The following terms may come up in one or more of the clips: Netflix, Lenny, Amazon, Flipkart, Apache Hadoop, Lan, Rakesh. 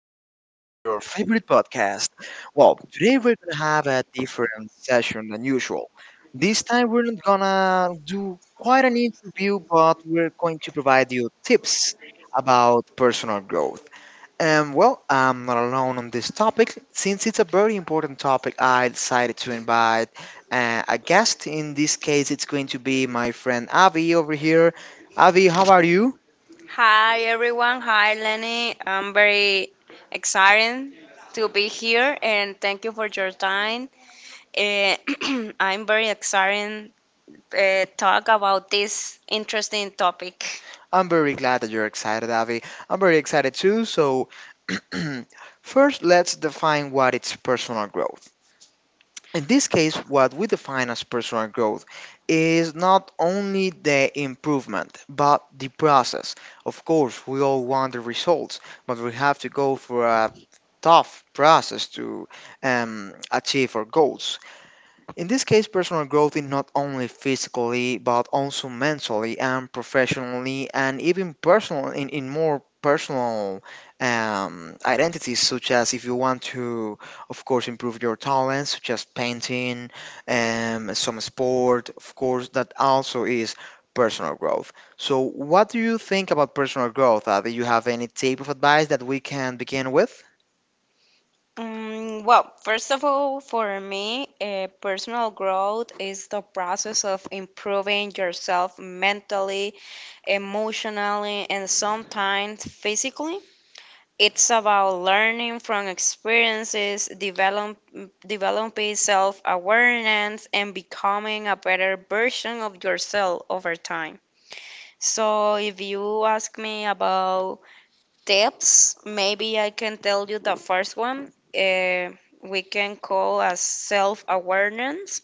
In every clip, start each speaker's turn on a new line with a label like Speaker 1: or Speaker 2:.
Speaker 1: back to your favorite podcast. Well, today we're gonna have a different session than usual. This time we're not gonna do quite an interview, but we're going to provide you tips about personal growth. And well, I'm not alone on this topic. Since it's a very important topic, I decided to invite a guest. In this case, it's going to be my friend Avi over here. Avi, how are you?
Speaker 2: Hi everyone. Hi Lenny. I'm very excited to be here and thank you for your time. Eh, I'm very excited talk about this interesting topic.
Speaker 1: I'm very glad that you're excited, Avi. I'm very excited too. So, first, let's define what is personal growth. In this case, what we define as personal growth is not only the improvement, but the process. Of course, we all want the results, but we have to go for a tough process to achieve our goals. In this case, personal growth is not only physically, but also mentally and professionally, and even personal in more personal identities, such as if you want to, of course, improve your talents, such as painting, some sport, of course, that also is personal growth. So, what do you think about personal growth? Do you have any type of advice that we can begin with?
Speaker 2: Well, first of all, for me, personal growth is the process of improving yourself mentally, emotionally, and sometimes physically. It's about learning from experiences, developing self awareness, and becoming a better version of yourself over time. So, if you ask me about tips, maybe I can tell you the first one. We can call as self awareness.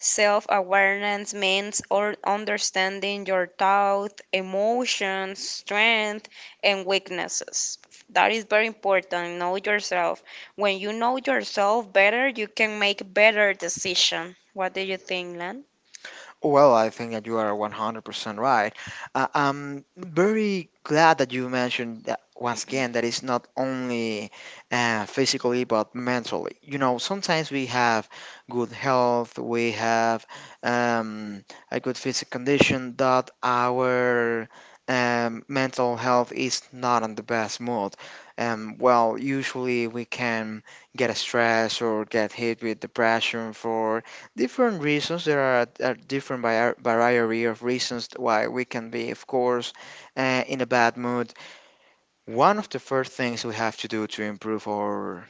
Speaker 2: Self awareness means or understanding your thought, emotions, strength, and weaknesses. That is very important. Know yourself. When you know yourself better, you can make better decision. What do you think, Lan?
Speaker 1: Well, I think that you are 100% right. I'm very glad that you mentioned that once again that it's not only physically but mentally. You know, sometimes we have good health, we have um, a good physical condition, but our mental health is not in the best mood. Well, usually we can get stressed or get hit with depression for different reasons. There are a different variety of reasons why we can be, of course, in a bad mood. One of the first things we have to do to improve our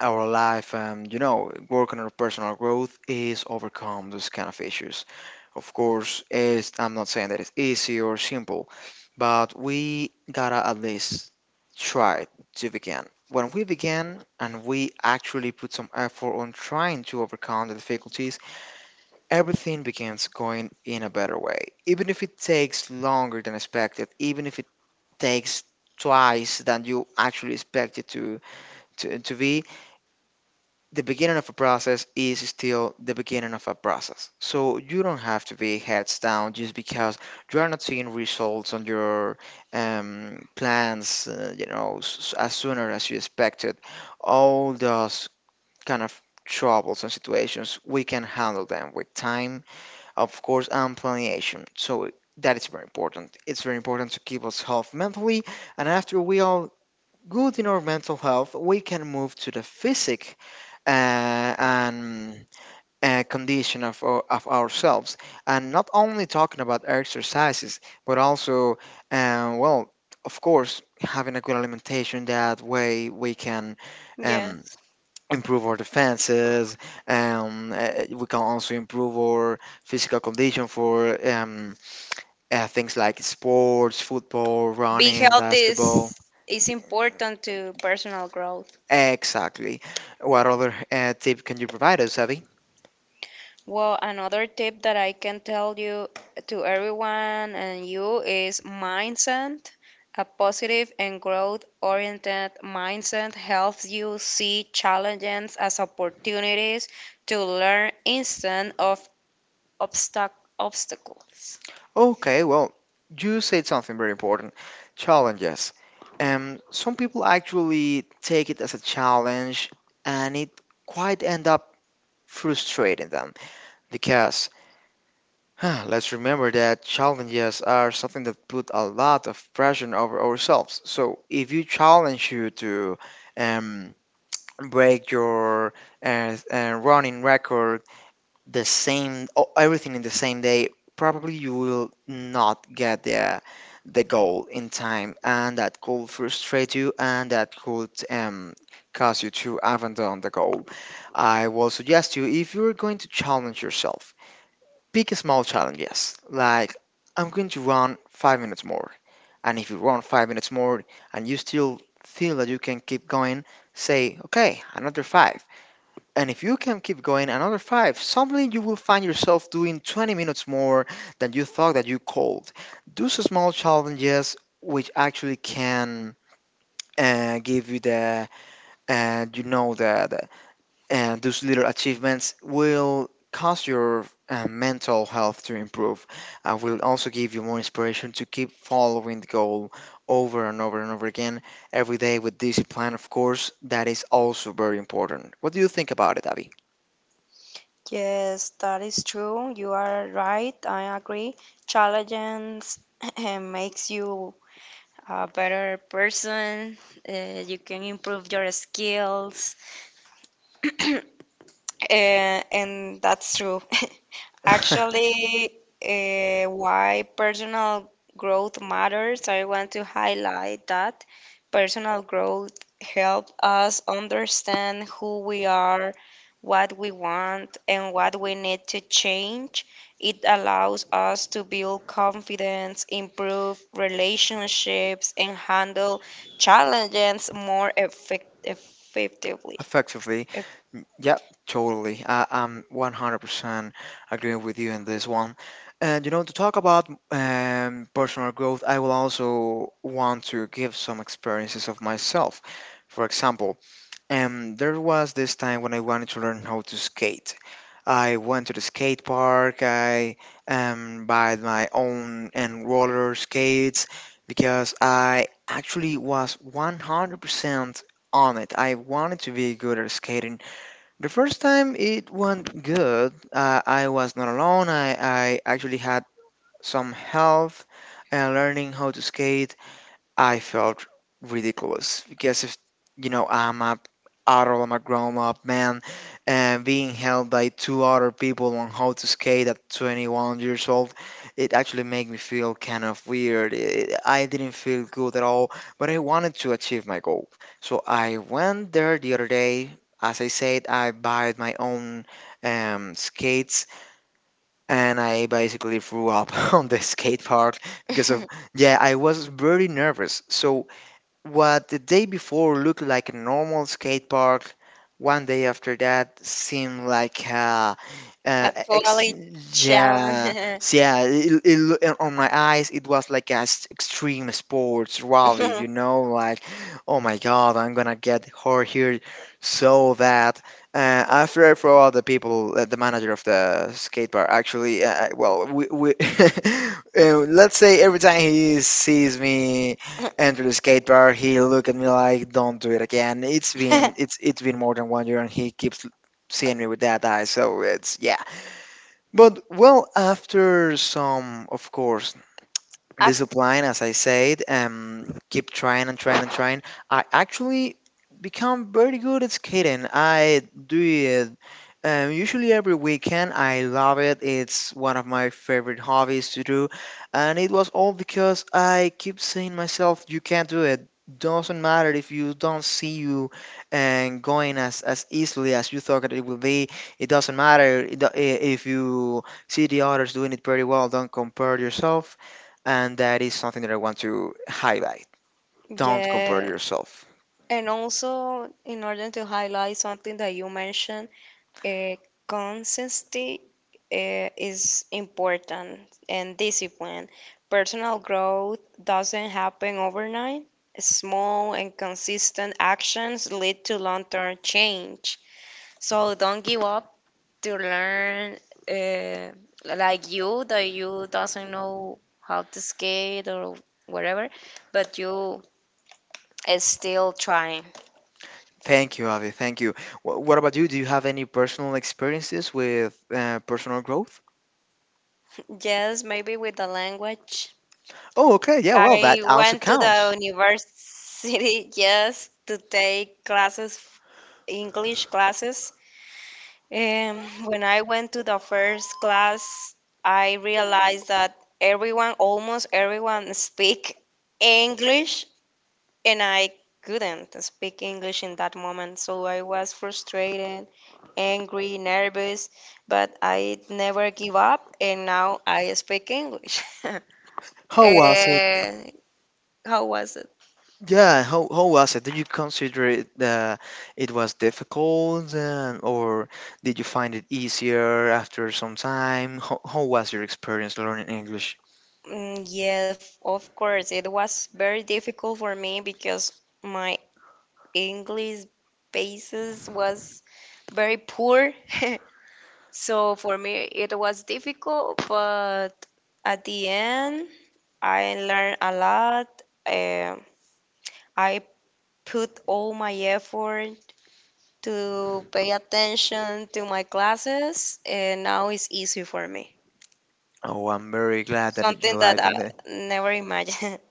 Speaker 1: our life, and you know, work on our personal growth is overcome those kind of issues. Of course, is I'm not saying that it's easy or simple, but we gotta at least try to begin. When we begin and we actually put some effort on trying to overcome the difficulties, everything begins going in a better way. Even if it takes longer than expected, even if it takes twice than you actually expect it to be, the beginning of a process is still the beginning of a process. So you don't have to be heads down just because you are not seeing results on your plans, you know, as sooner as you expected. All those kind of troubles and situations, we can handle them with time, of course, and planning. So that is very important. It's very important to keep us healthy mentally, and after we are good in our mental health, we can move to the physic uh, and condition of, of ourselves. And not only talking about exercises, but also, well, of course, having a good alimentation. That way, we can. Um,
Speaker 2: Yes.
Speaker 1: Improve our defenses, and we can also improve our physical condition for things like sports, football,
Speaker 2: Be
Speaker 1: running,
Speaker 2: healthy
Speaker 1: basketball.
Speaker 2: is important to personal growth.
Speaker 1: Exactly. What other tip can you provide us, Abby?
Speaker 2: Well, another tip that I can tell you to everyone and you is mindset. A positive and growth oriented mindset helps you see challenges as opportunities to learn instead of obstacles.
Speaker 1: Okay, well, you said something very important: challenges. Some people actually take it as a challenge, and it quite end up frustrating them because let's remember that challenges are something that put a lot of pressure over ourselves. So if you challenge you to um, break your running record, the everything in the same day, probably you will not get the goal in time, and that could frustrate you, and that could cause you to abandon the goal. I will suggest you, if you're going to challenge yourself, pick a small challenge, yes. Like, I'm going to run 5 minutes more. And if you run 5 minutes more and you still feel that you can keep going, say, okay, another five. And if you can keep going another five, suddenly you will find yourself doing 20 minutes more than you thought that you called. Do some small challenges, which actually can give you the, you know, the And those little achievements will cause your mental health to improve and will also give you more inspiration to keep following the goal over and over and over again every day with discipline, of course. That is also very important. What do you think about it, Abby?
Speaker 2: Yes, that is true. You are right. I agree. Challenges makes you a better person. You can improve your skills. And that's true. Actually, why personal growth matters, I want to highlight that personal growth helps us understand who we are, what we want, and what we need to change. It allows us to build confidence, improve relationships, and handle challenges more effectively.
Speaker 1: Effectively. Mm, yep, totally. I'm 100% agreeing with you on this one. And you know, to talk about personal growth, I will also want to give some experiences of myself. For example, and there was this time when I wanted to learn how to skate. I went to the skate park. I bought my own and roller skates because I actually was 100% on it. I wanted to be good at skating. The first time it went good. I was not alone. I actually had some help learning how to skate. I felt ridiculous because, if you know, I'm a adult, I'm a grown up man, and being held by two other people on how to skate at 21 years old, it actually made me feel kind of weird. It, I didn't feel good at all, but I wanted to achieve my goal. So I went there the other day. As I said, I bought my own skates, and I basically threw up on the skate park because of, yeah, I was very nervous. So what the day before looked like a normal skate park, 1 day after that seemed like
Speaker 2: A
Speaker 1: uh ex-
Speaker 2: totally challenge.
Speaker 1: yeah. Yeah, and on my eyes it was like a extreme sports rally, you know, like, oh my god, I'm gonna get hurt here. So that, after I throw out the people, the manager of the skate park actually well, we let's say every time he sees me enter the skate bar, he looked at me like, "Don't do it again." It's been more than 1 year, and he keeps seeing me with that eye. So it's, yeah. But well, after some, of course,
Speaker 2: I,
Speaker 1: discipline, as I said, keep trying and trying and trying, I actually become very good at skating. I do it usually every weekend. I love it. It's one of my favorite hobbies to do, and it was all because I keep saying myself, "You can't do it." Doesn't matter if you don't see you and going as easily as you thought that it will be. It doesn't matter if you see the others doing it pretty well. Don't compare yourself, and that is something that I want to highlight. Don't compare
Speaker 2: yeah.
Speaker 1: yourself.
Speaker 2: And also, in order to highlight something that you mentioned, uh, consistency is important, and discipline. Personal growth doesn't happen overnight. Small and consistent actions lead to long term change. So don't give up to learn, uh, like you that you doesn't know how to skate or whatever, but you is still trying.
Speaker 1: Thank you, Avi. Thank you. What about you? Do you have any personal experiences with personal growth?
Speaker 2: Yes, maybe with the language.
Speaker 1: Oh, okay. Yeah, well,
Speaker 2: I
Speaker 1: that also
Speaker 2: went to
Speaker 1: counts.
Speaker 2: the university yes to take classes, English classes. When I went to the first class, I realized that everyone, almost everyone, speak English, and I couldn't speak English in that moment, so I was frustrated, angry, nervous, but I never give up, and now I speak English.
Speaker 1: How was it?
Speaker 2: Eh, how was it?
Speaker 1: Yeah, how was it? Did you consider it it was difficult, or did you find it easier after some time? How was your experience learning English?
Speaker 2: Yeah, of course, it was very difficult for me because my English basis was very poor. So for me, it was difficult, but at the end, I learn a lot. I put all my effort to pay attention to my classes, and now it's easy for me.
Speaker 1: Oh, I'm very glad that you
Speaker 2: Something that
Speaker 1: like
Speaker 2: I
Speaker 1: it.
Speaker 2: never imagined.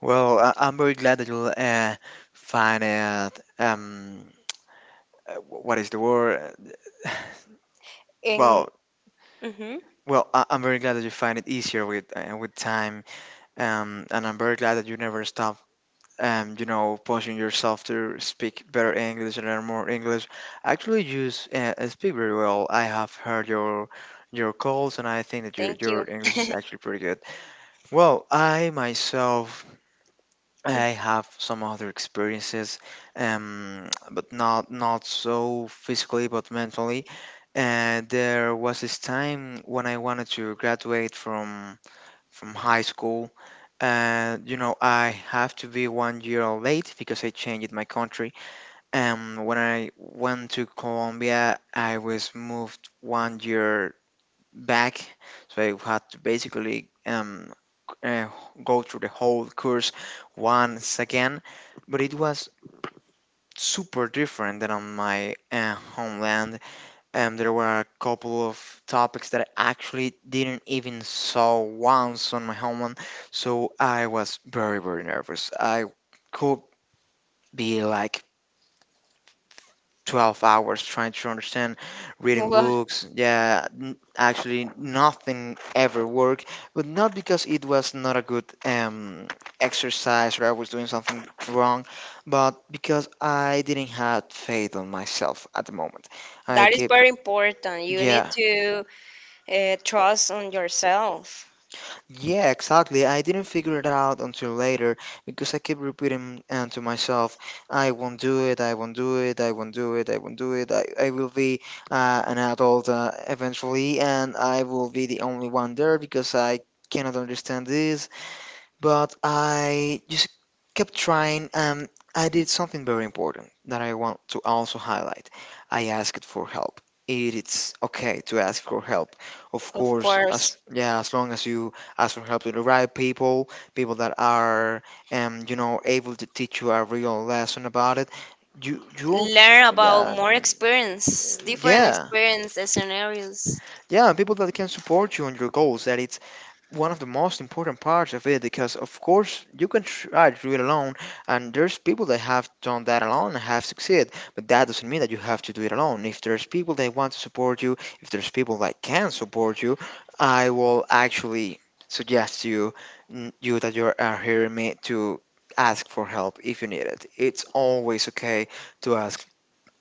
Speaker 1: Well, I'm very glad that you'll find it. What is the word? Uh,
Speaker 2: And
Speaker 1: Well,
Speaker 2: hmm
Speaker 1: well, I'm very glad that you find it easier with time. And I'm very glad that you never stop. You know, pushing yourself to speak better English and learn more English. Actually, you speak very well. I have heard your calls, and I think that your
Speaker 2: thank you.
Speaker 1: your English is actually pretty good. Well, I myself,
Speaker 2: Mm.
Speaker 1: I have some other experiences, but not so physically, but mentally. And there was this time when I wanted to graduate from high school, and you know, I have to be 1 year late because I changed my country. And when I went to Colombia, I was moved 1 year back. So I had to basically uh, go through the whole course once again, but it was super different than on my homeland. There were a couple of topics that I actually didn't even saw once on my homeland, so I was very nervous. I could be like 12 hours trying to understand, reading
Speaker 2: Well,
Speaker 1: books. Yeah, actually, nothing ever worked, but not because it was not a good exercise or I was doing something wrong, but because I didn't have faith on myself at the moment. I
Speaker 2: that is
Speaker 1: keep,
Speaker 2: very important. You need
Speaker 1: yeah,
Speaker 2: to trust on yourself,
Speaker 1: yeah, exactly. I didn't figure it out until later because I kept repeating to myself, I won't do it, I won't do it, I won't do it, I won't do it. I will be an adult eventually, and I will be the only one there because I cannot understand this. But I just kept trying, and I did something very important that I want to also highlight. I asked for help. It is okay to ask for help. Of
Speaker 2: of
Speaker 1: course, as
Speaker 2: course.
Speaker 1: yeah, as long as you ask for help to the right people, people that are able to teach you a real lesson about it. You you of-
Speaker 2: Learn about
Speaker 1: yeah,
Speaker 2: more experience, different
Speaker 1: yeah,
Speaker 2: experience scenarios.
Speaker 1: yeah, people that can support you on your goals. That it's one of the most important parts of it, because of course you can try to do it alone, and there's people that have done that alone and have succeeded, but that doesn't mean that you have to do it alone if there's people that want to support you, if there's people that can support you. I will actually suggest you that you are hearing me to ask for help if you need it. It's always okay to ask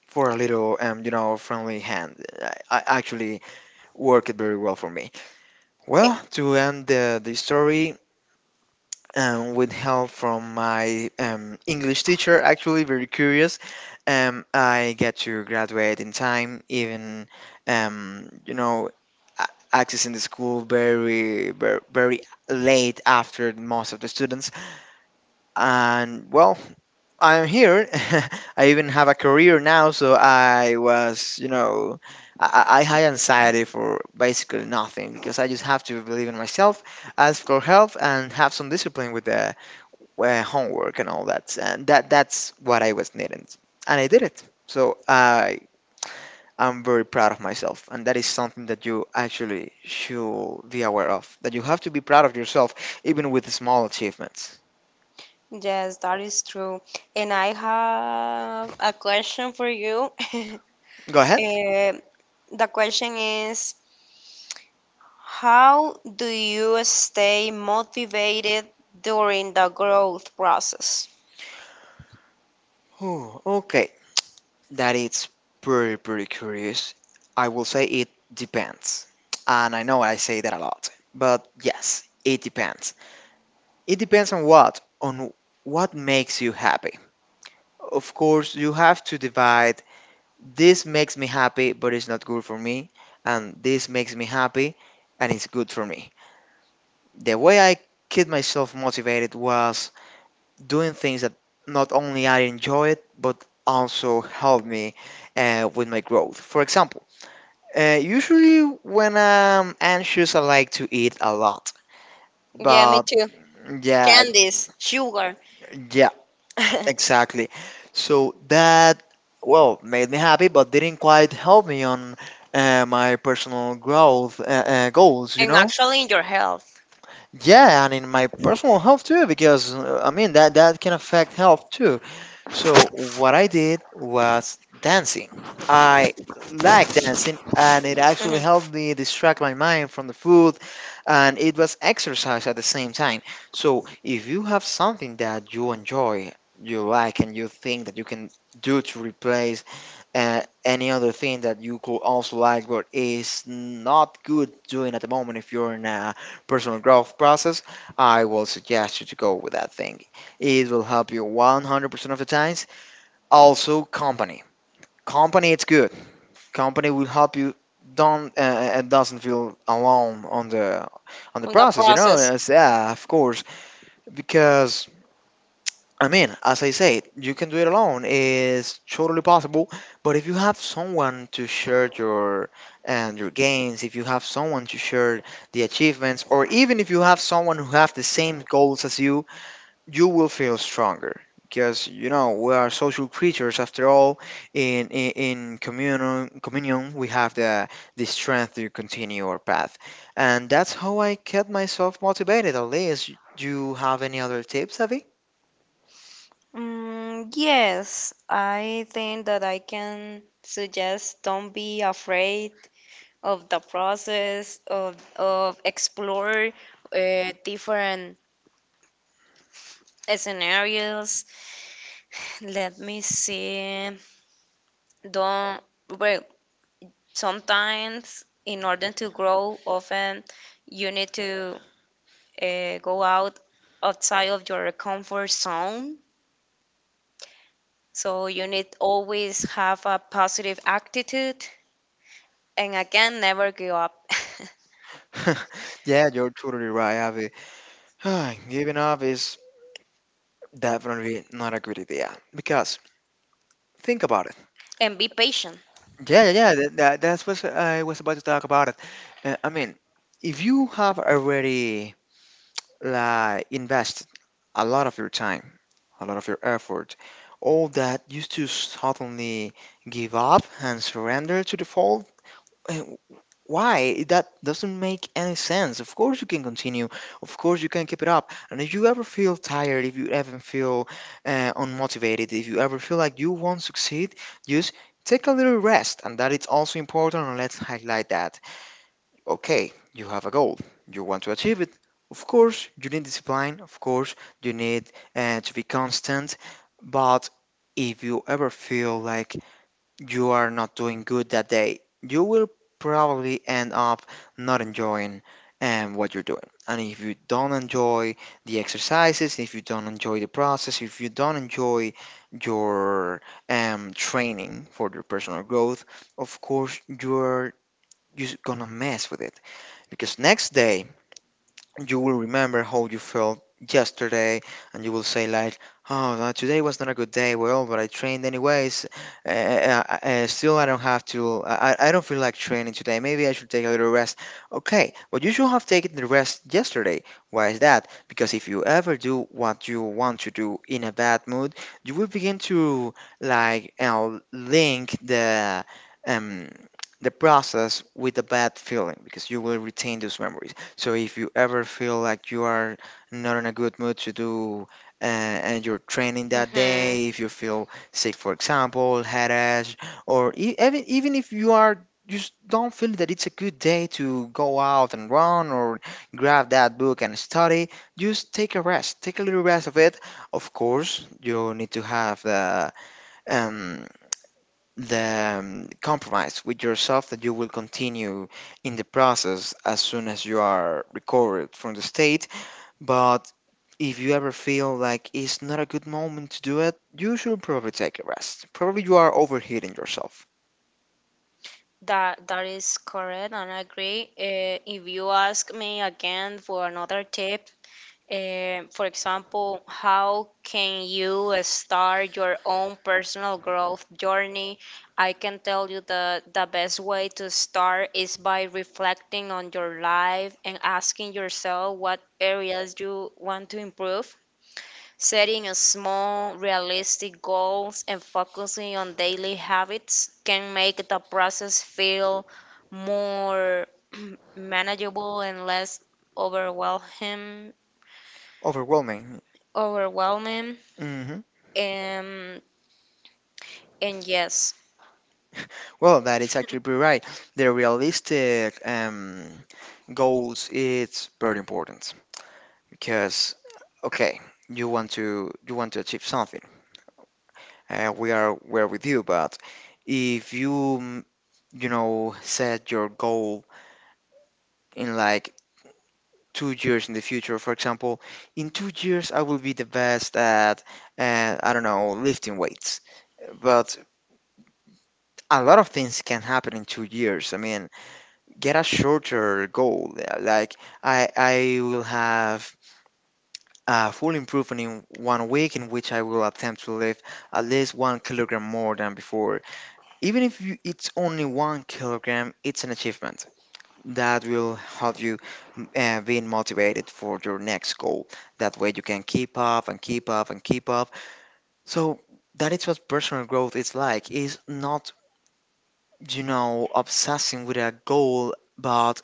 Speaker 1: for a little friendly hand. I actually work it very well for me.
Speaker 2: Eh,
Speaker 1: Well, to end the story, with help from my English teacher. Actually, very curious. I get to graduate in time, even um, you know, accessing the school very, very, very late after most of the students. And well, I'm here. I even have a career now, so I was, you know, I had anxiety for basically nothing, because I just have to believe in myself, ask for help, and have some discipline with the homework and all that. And that's what I was needing, and I did it. So I'm very proud of myself, and that is something that you actually should be aware of. That you have to be proud of yourself, even with small achievements.
Speaker 2: Yes, that is true. And I have a question for you.
Speaker 1: Go ahead.
Speaker 2: Eh, the question is, how do you stay motivated during the growth process?
Speaker 1: Ooh, okay. That it's pretty, pretty curious. I will say it depends. And I know I say that a lot, but yes, it depends. It depends on what? On what makes you happy. Of course, you have to divide: this makes me happy, but it's not good for me, and this makes me happy, and it's good for me. The way I keep myself motivated was doing things that not only I enjoyed, but also helped me with my growth. For example, usually when I'm anxious, I like to eat a lot.
Speaker 2: Yeah, me
Speaker 1: But
Speaker 2: too.
Speaker 1: yeah,
Speaker 2: Candies, sugar,
Speaker 1: yeah,
Speaker 2: and
Speaker 1: exactly. So that, well, made me happy, but didn't quite help me on my personal growth goals, you know?
Speaker 2: actually in your health.
Speaker 1: Yeah, and in my personal health too, because I mean that can affect health too. So what I did was dancing. I like dancing, and it actually
Speaker 2: Mhm.
Speaker 1: helped me distract my mind from the food, and it was exercise at the same time. So if you have something that you enjoy, you like, and you think that you can do to replace any other thing that you could also like but is not good doing at the moment, if you're in a personal growth process, I will suggest you to go with that thing. It will help you 100% of the time. Also, company. Company, it's good. Company will help you. Don't Doesn't feel alone on the
Speaker 2: In the
Speaker 1: process. You know,
Speaker 2: process.
Speaker 1: it's, yeah, of course, because. I mean, as I said, you can do it alone. It's totally possible. But if you have someone to share your and your gains, if you have someone to share the achievements, or even if you have someone who have the same goals as you, you will feel stronger, because you know we are social creatures after all. in in, in communion, we have the strength to continue our path, and that's how I kept myself motivated at least. Do you have any other tips, Avi?
Speaker 2: Yes, I think that I can suggest don't be afraid of the process of explore different scenarios. Let me see. Don't, well, sometimes in order to grow, often you need to go out outside of your comfort zone. So you need always have a positive attitude. And again, never give up
Speaker 1: Yeah, you're totally right, Avi. Giving up is definitely not a good idea because think about it.
Speaker 2: and be patient.
Speaker 1: Yeah, yeah, yeah, that's what I was about to talk about it. I mean, if you have already like invest a lot of your time, a lot of your effort, all that used to suddenly give up and surrender to the fall. eh, Why? That doesn't make any sense. Of course you can continue. Of course you can keep it up. And if you ever feel tired, if you ever feel unmotivated, if you ever feel like you won't succeed, just take a little rest. And that is also important. And let's highlight that. Okay, you have a goal. You want to achieve it. Of course, you need discipline. Of course, you need to be constant. But if you ever feel like you are not doing good that day, you will probably end up not enjoying what you're doing. And if you don't enjoy the exercises, if you don't enjoy the process, if you don't enjoy your training for your personal growth, of course, you're just gonna mess with it, because next day you will remember how you felt yesterday and you will say like, oh, today was not a good day, well but I trained anyways, still I don't have to I don't feel like training today, maybe I should take a little rest. Okay, but you should have taken the rest yesterday. Why is that? Because if you ever do what you want to do in a bad mood, you will begin to like you link um the process with a bad feeling, because you will retain those memories. So if you ever feel like you are not in a good mood to do uh, and your training that
Speaker 2: Hmm.
Speaker 1: day, if you feel sick, for example, headache, or even if you are just don't feel that it's a good day to go out and run or grab that book and study, just take a rest, take a little rest of it. Of course, you need to have the um compromise with yourself that you will continue in the process as soon as you are recovered from the state. But if you ever feel like it's not a good moment to do it, you should probably take a rest. Probably you are overheating yourself,
Speaker 2: That that is correct, and I agree. If you ask me again for another tip, for example, how can you start your own personal growth journey? I can tell you the best way to start is by reflecting on your life and asking yourself what areas you want to improve. Setting a small, realistic goals and focusing on daily habits can make the process feel more manageable and less overwhelming.
Speaker 1: overwhelming.
Speaker 2: Overwhelming,
Speaker 1: Hmm.
Speaker 2: um, and yes.
Speaker 1: Well, that is actually pretty right. The realistic goals it's very important because okay, you want to achieve something. We are we're with you. But if you mm, you know set your goal in like 2 years in the future, for example, in 2 years I will be the best at I don't know, lifting weights. But a lot of things can happen in 2 years. I mean, get a shorter goal. Like I will have a full improvement in 1 week in which I will attempt to lift at least 1 kilogram more than before. Even if you, it's only 1 kilogram, it's an achievement that will help you being motivated for your next goal. That way, you can keep up and keep up and keep up. So that is what personal growth is like. Is not, you know, obsessing with a goal, but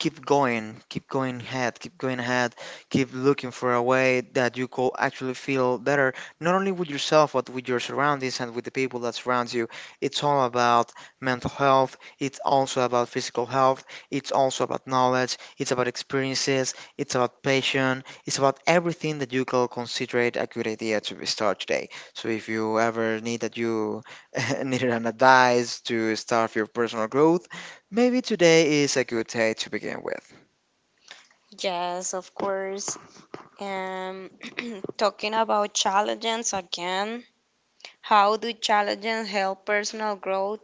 Speaker 1: keep going ahead, keep going ahead, keep looking for a way that you could actually feel better, not only with yourself, but with your surroundings and with the people that surround you. It's all about mental health, it's also about physical health, it's also about knowledge, it's about experiences, it's about passion, it's about everything that you could consider it a good idea to start today. So if you ever need that you needed an advice to start your personal growth, maybe today is a good day to begin with.
Speaker 2: Yes, of course. Um, talking about challenges again, how do challenges help personal growth?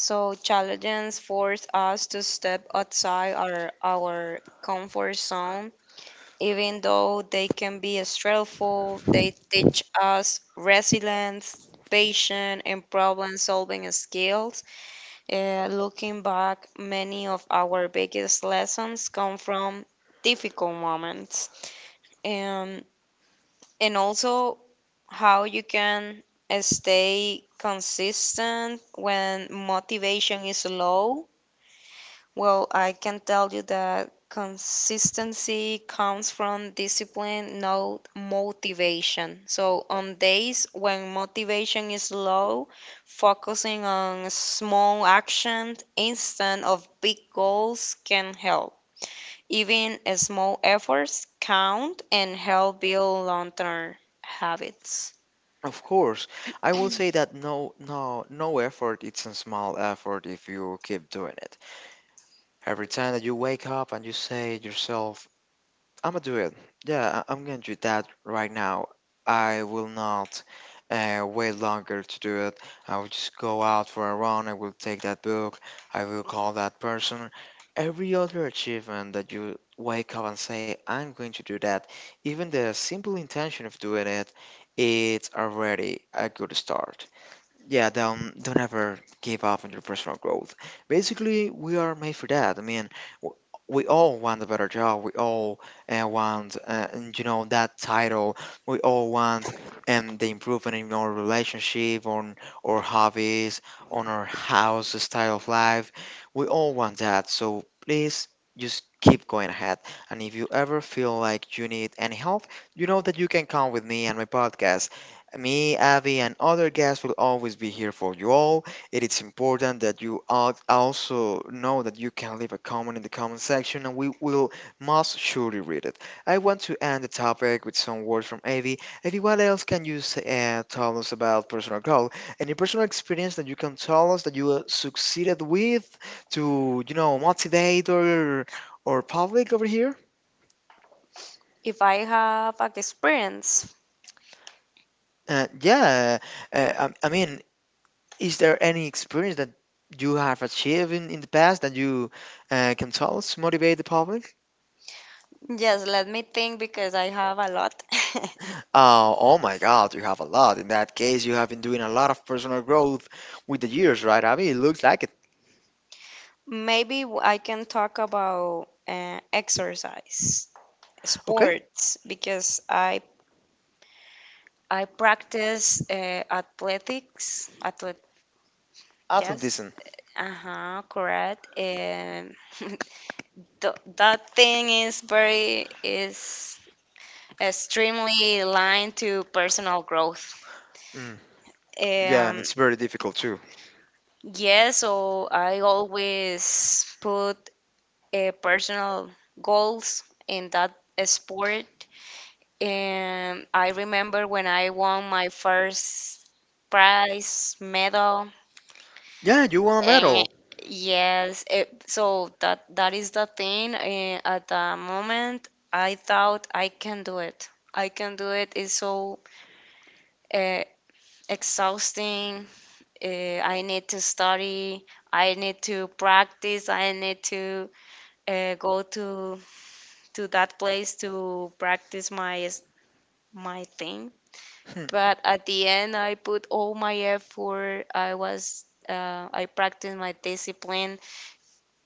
Speaker 2: So challenges force us to step outside our comfort zone. Even though they can be stressful, they teach us resilience, patience, and problem-solving skills. Looking back, many of our biggest lessons come from difficult moments, and and also how you can stay consistent when motivation is low. Well, I can tell you that consistency comes from discipline, not motivation. So, on days when motivation is low, focusing on small actions instead of big goals can help. Even small efforts count and help build long term habits.
Speaker 1: Of course, I will say that no, no, no effort, it's a small effort if you keep doing it. Every time that you wake up and you say to yourself, I'm gonna do it. Yeah, I'm gonna do that right now. I will not wait longer to do it. I will just go out for a run. I will take that book. I will call that person. Every other achievement that you wake up and say, I'm going to do that, even the simple intention of doing it, it's already a good start. Yeah, don't ever give up on your personal growth. Basically, we are made for that. I mean, w- we all want a better job. We all want, and, you know, that title. We all want the improvement in our relationship, on our hobbies, on our house, the style of life. We all want that. So please just keep going ahead. And if you ever feel like you need any help, you know that you can come with me and my podcast. Me, Abby, and other guests will always be here for you all. It is important that you also know that you can leave a comment in the comment section and we will most surely read it. I want to end the topic with some words from Abby. Abby, what else can you say, tell us about personal growth? Any personal experience that you can tell us that you succeeded with to, you know, motivate or public over here?
Speaker 2: If I have an experience,
Speaker 1: Yeah, I mean, is there any experience that you have achieved in the past that you can tell us to motivate the public?
Speaker 2: yes, let me think because I have a lot.
Speaker 1: Oh, oh my God, you have a lot. In that case, you have been doing a lot of personal growth with the years, right, Abby? It looks like it.
Speaker 2: I can talk about exercise,
Speaker 1: Okay,
Speaker 2: sports, because I practice athletics. Yes,
Speaker 1: athleticism.
Speaker 2: uh huh, correct. And that thing is very is extremely aligned to personal growth.
Speaker 1: Mm. Yeah, and
Speaker 2: Um,
Speaker 1: it's very difficult too.
Speaker 2: yeah, so I always put personal goals in that sport. And I remember when I won my first prize medal.
Speaker 1: Yeah, you won a
Speaker 2: And
Speaker 1: medal.
Speaker 2: yes, it, so that that is the thing. At the moment, I thought I can do it. I can do it. It's so uh, exhausting. I need to study. I need to practice. I need to go to that place to practice my thing.
Speaker 1: Hmm.
Speaker 2: But at the end, I put all my effort. I was, I practiced my discipline,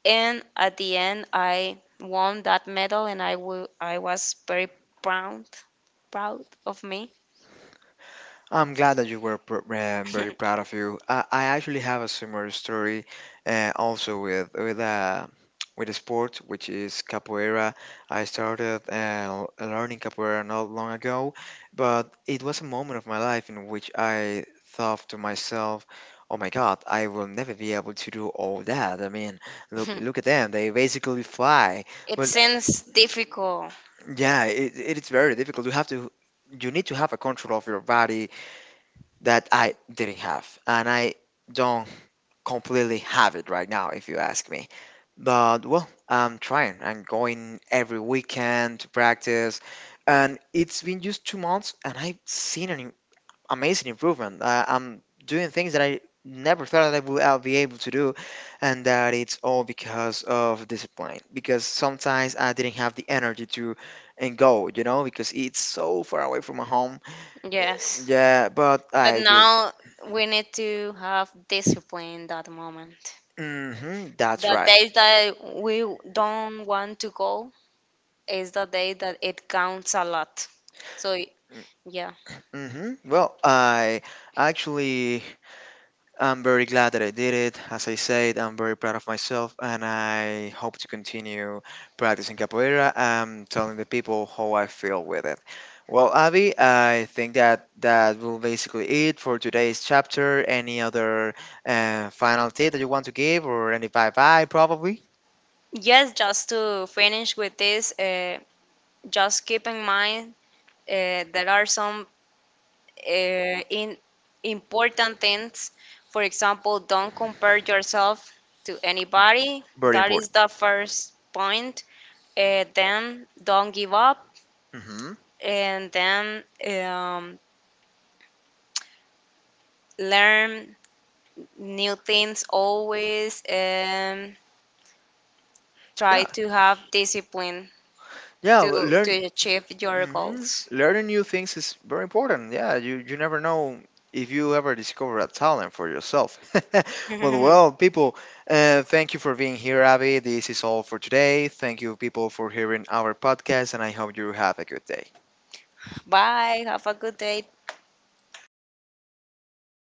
Speaker 2: and at the end, I won that medal, and I was very proud, proud of me.
Speaker 1: I'm glad that you were very proud of you. I actually have a similar story, also with with a sport which is capoeira. I started learning capoeira not long ago, but it was a moment of my life in which I thought to myself, "Oh my God, I will never be able to do all that." I mean, look at them; they basically fly.
Speaker 2: It
Speaker 1: But
Speaker 2: seems difficult,
Speaker 1: yeah, it is very difficult. You have to, you need to have a control of your body that I didn't have, and I don't completely have it right now, if you ask me. But well, I'm trying. I'm going every weekend to practice, and it's been just 2 months, and I've seen an amazing improvement. I'm doing things that I never thought that I'll be able to do, and that it's all because of discipline. Because sometimes I didn't have the energy to and go, you know, because it's so far away from my home. Uh,
Speaker 2: yes,
Speaker 1: Yeah, but
Speaker 2: but
Speaker 1: I just
Speaker 2: now we need to have discipline in that moment.
Speaker 1: hmm, that's
Speaker 2: The
Speaker 1: right.
Speaker 2: days that we don't want to go is the day that it counts a lot. So yeah.
Speaker 1: Hmm. Well, I actually I'm very glad that I did it. As I said, I'm very proud of myself, and I hope to continue practicing capoeira and telling the people how I feel with it. Well, Abby, I think that that will basically it for today's chapter. Any other final tip that you want to give, or any bye bye, probably?
Speaker 2: Yes, just to finish with this, just keep in mind there are some in important things. For example, don't compare yourself to anybody.
Speaker 1: Very
Speaker 2: That is
Speaker 1: important.
Speaker 2: the first point. Then don't give up,
Speaker 1: Hmm.
Speaker 2: and then learn new things always, and try
Speaker 1: Yeah,
Speaker 2: to have discipline
Speaker 1: yeah.
Speaker 2: to
Speaker 1: Learn.
Speaker 2: achieve your
Speaker 1: Hmm.
Speaker 2: goals.
Speaker 1: Learning new things is very important. Yeah, you never know if you ever discover a talent for yourself. But well, people, thank you for being here, Abby. This is all for today. Thank you, people, for hearing our podcast, and I hope you have a good day.
Speaker 2: Bye. Have a good day.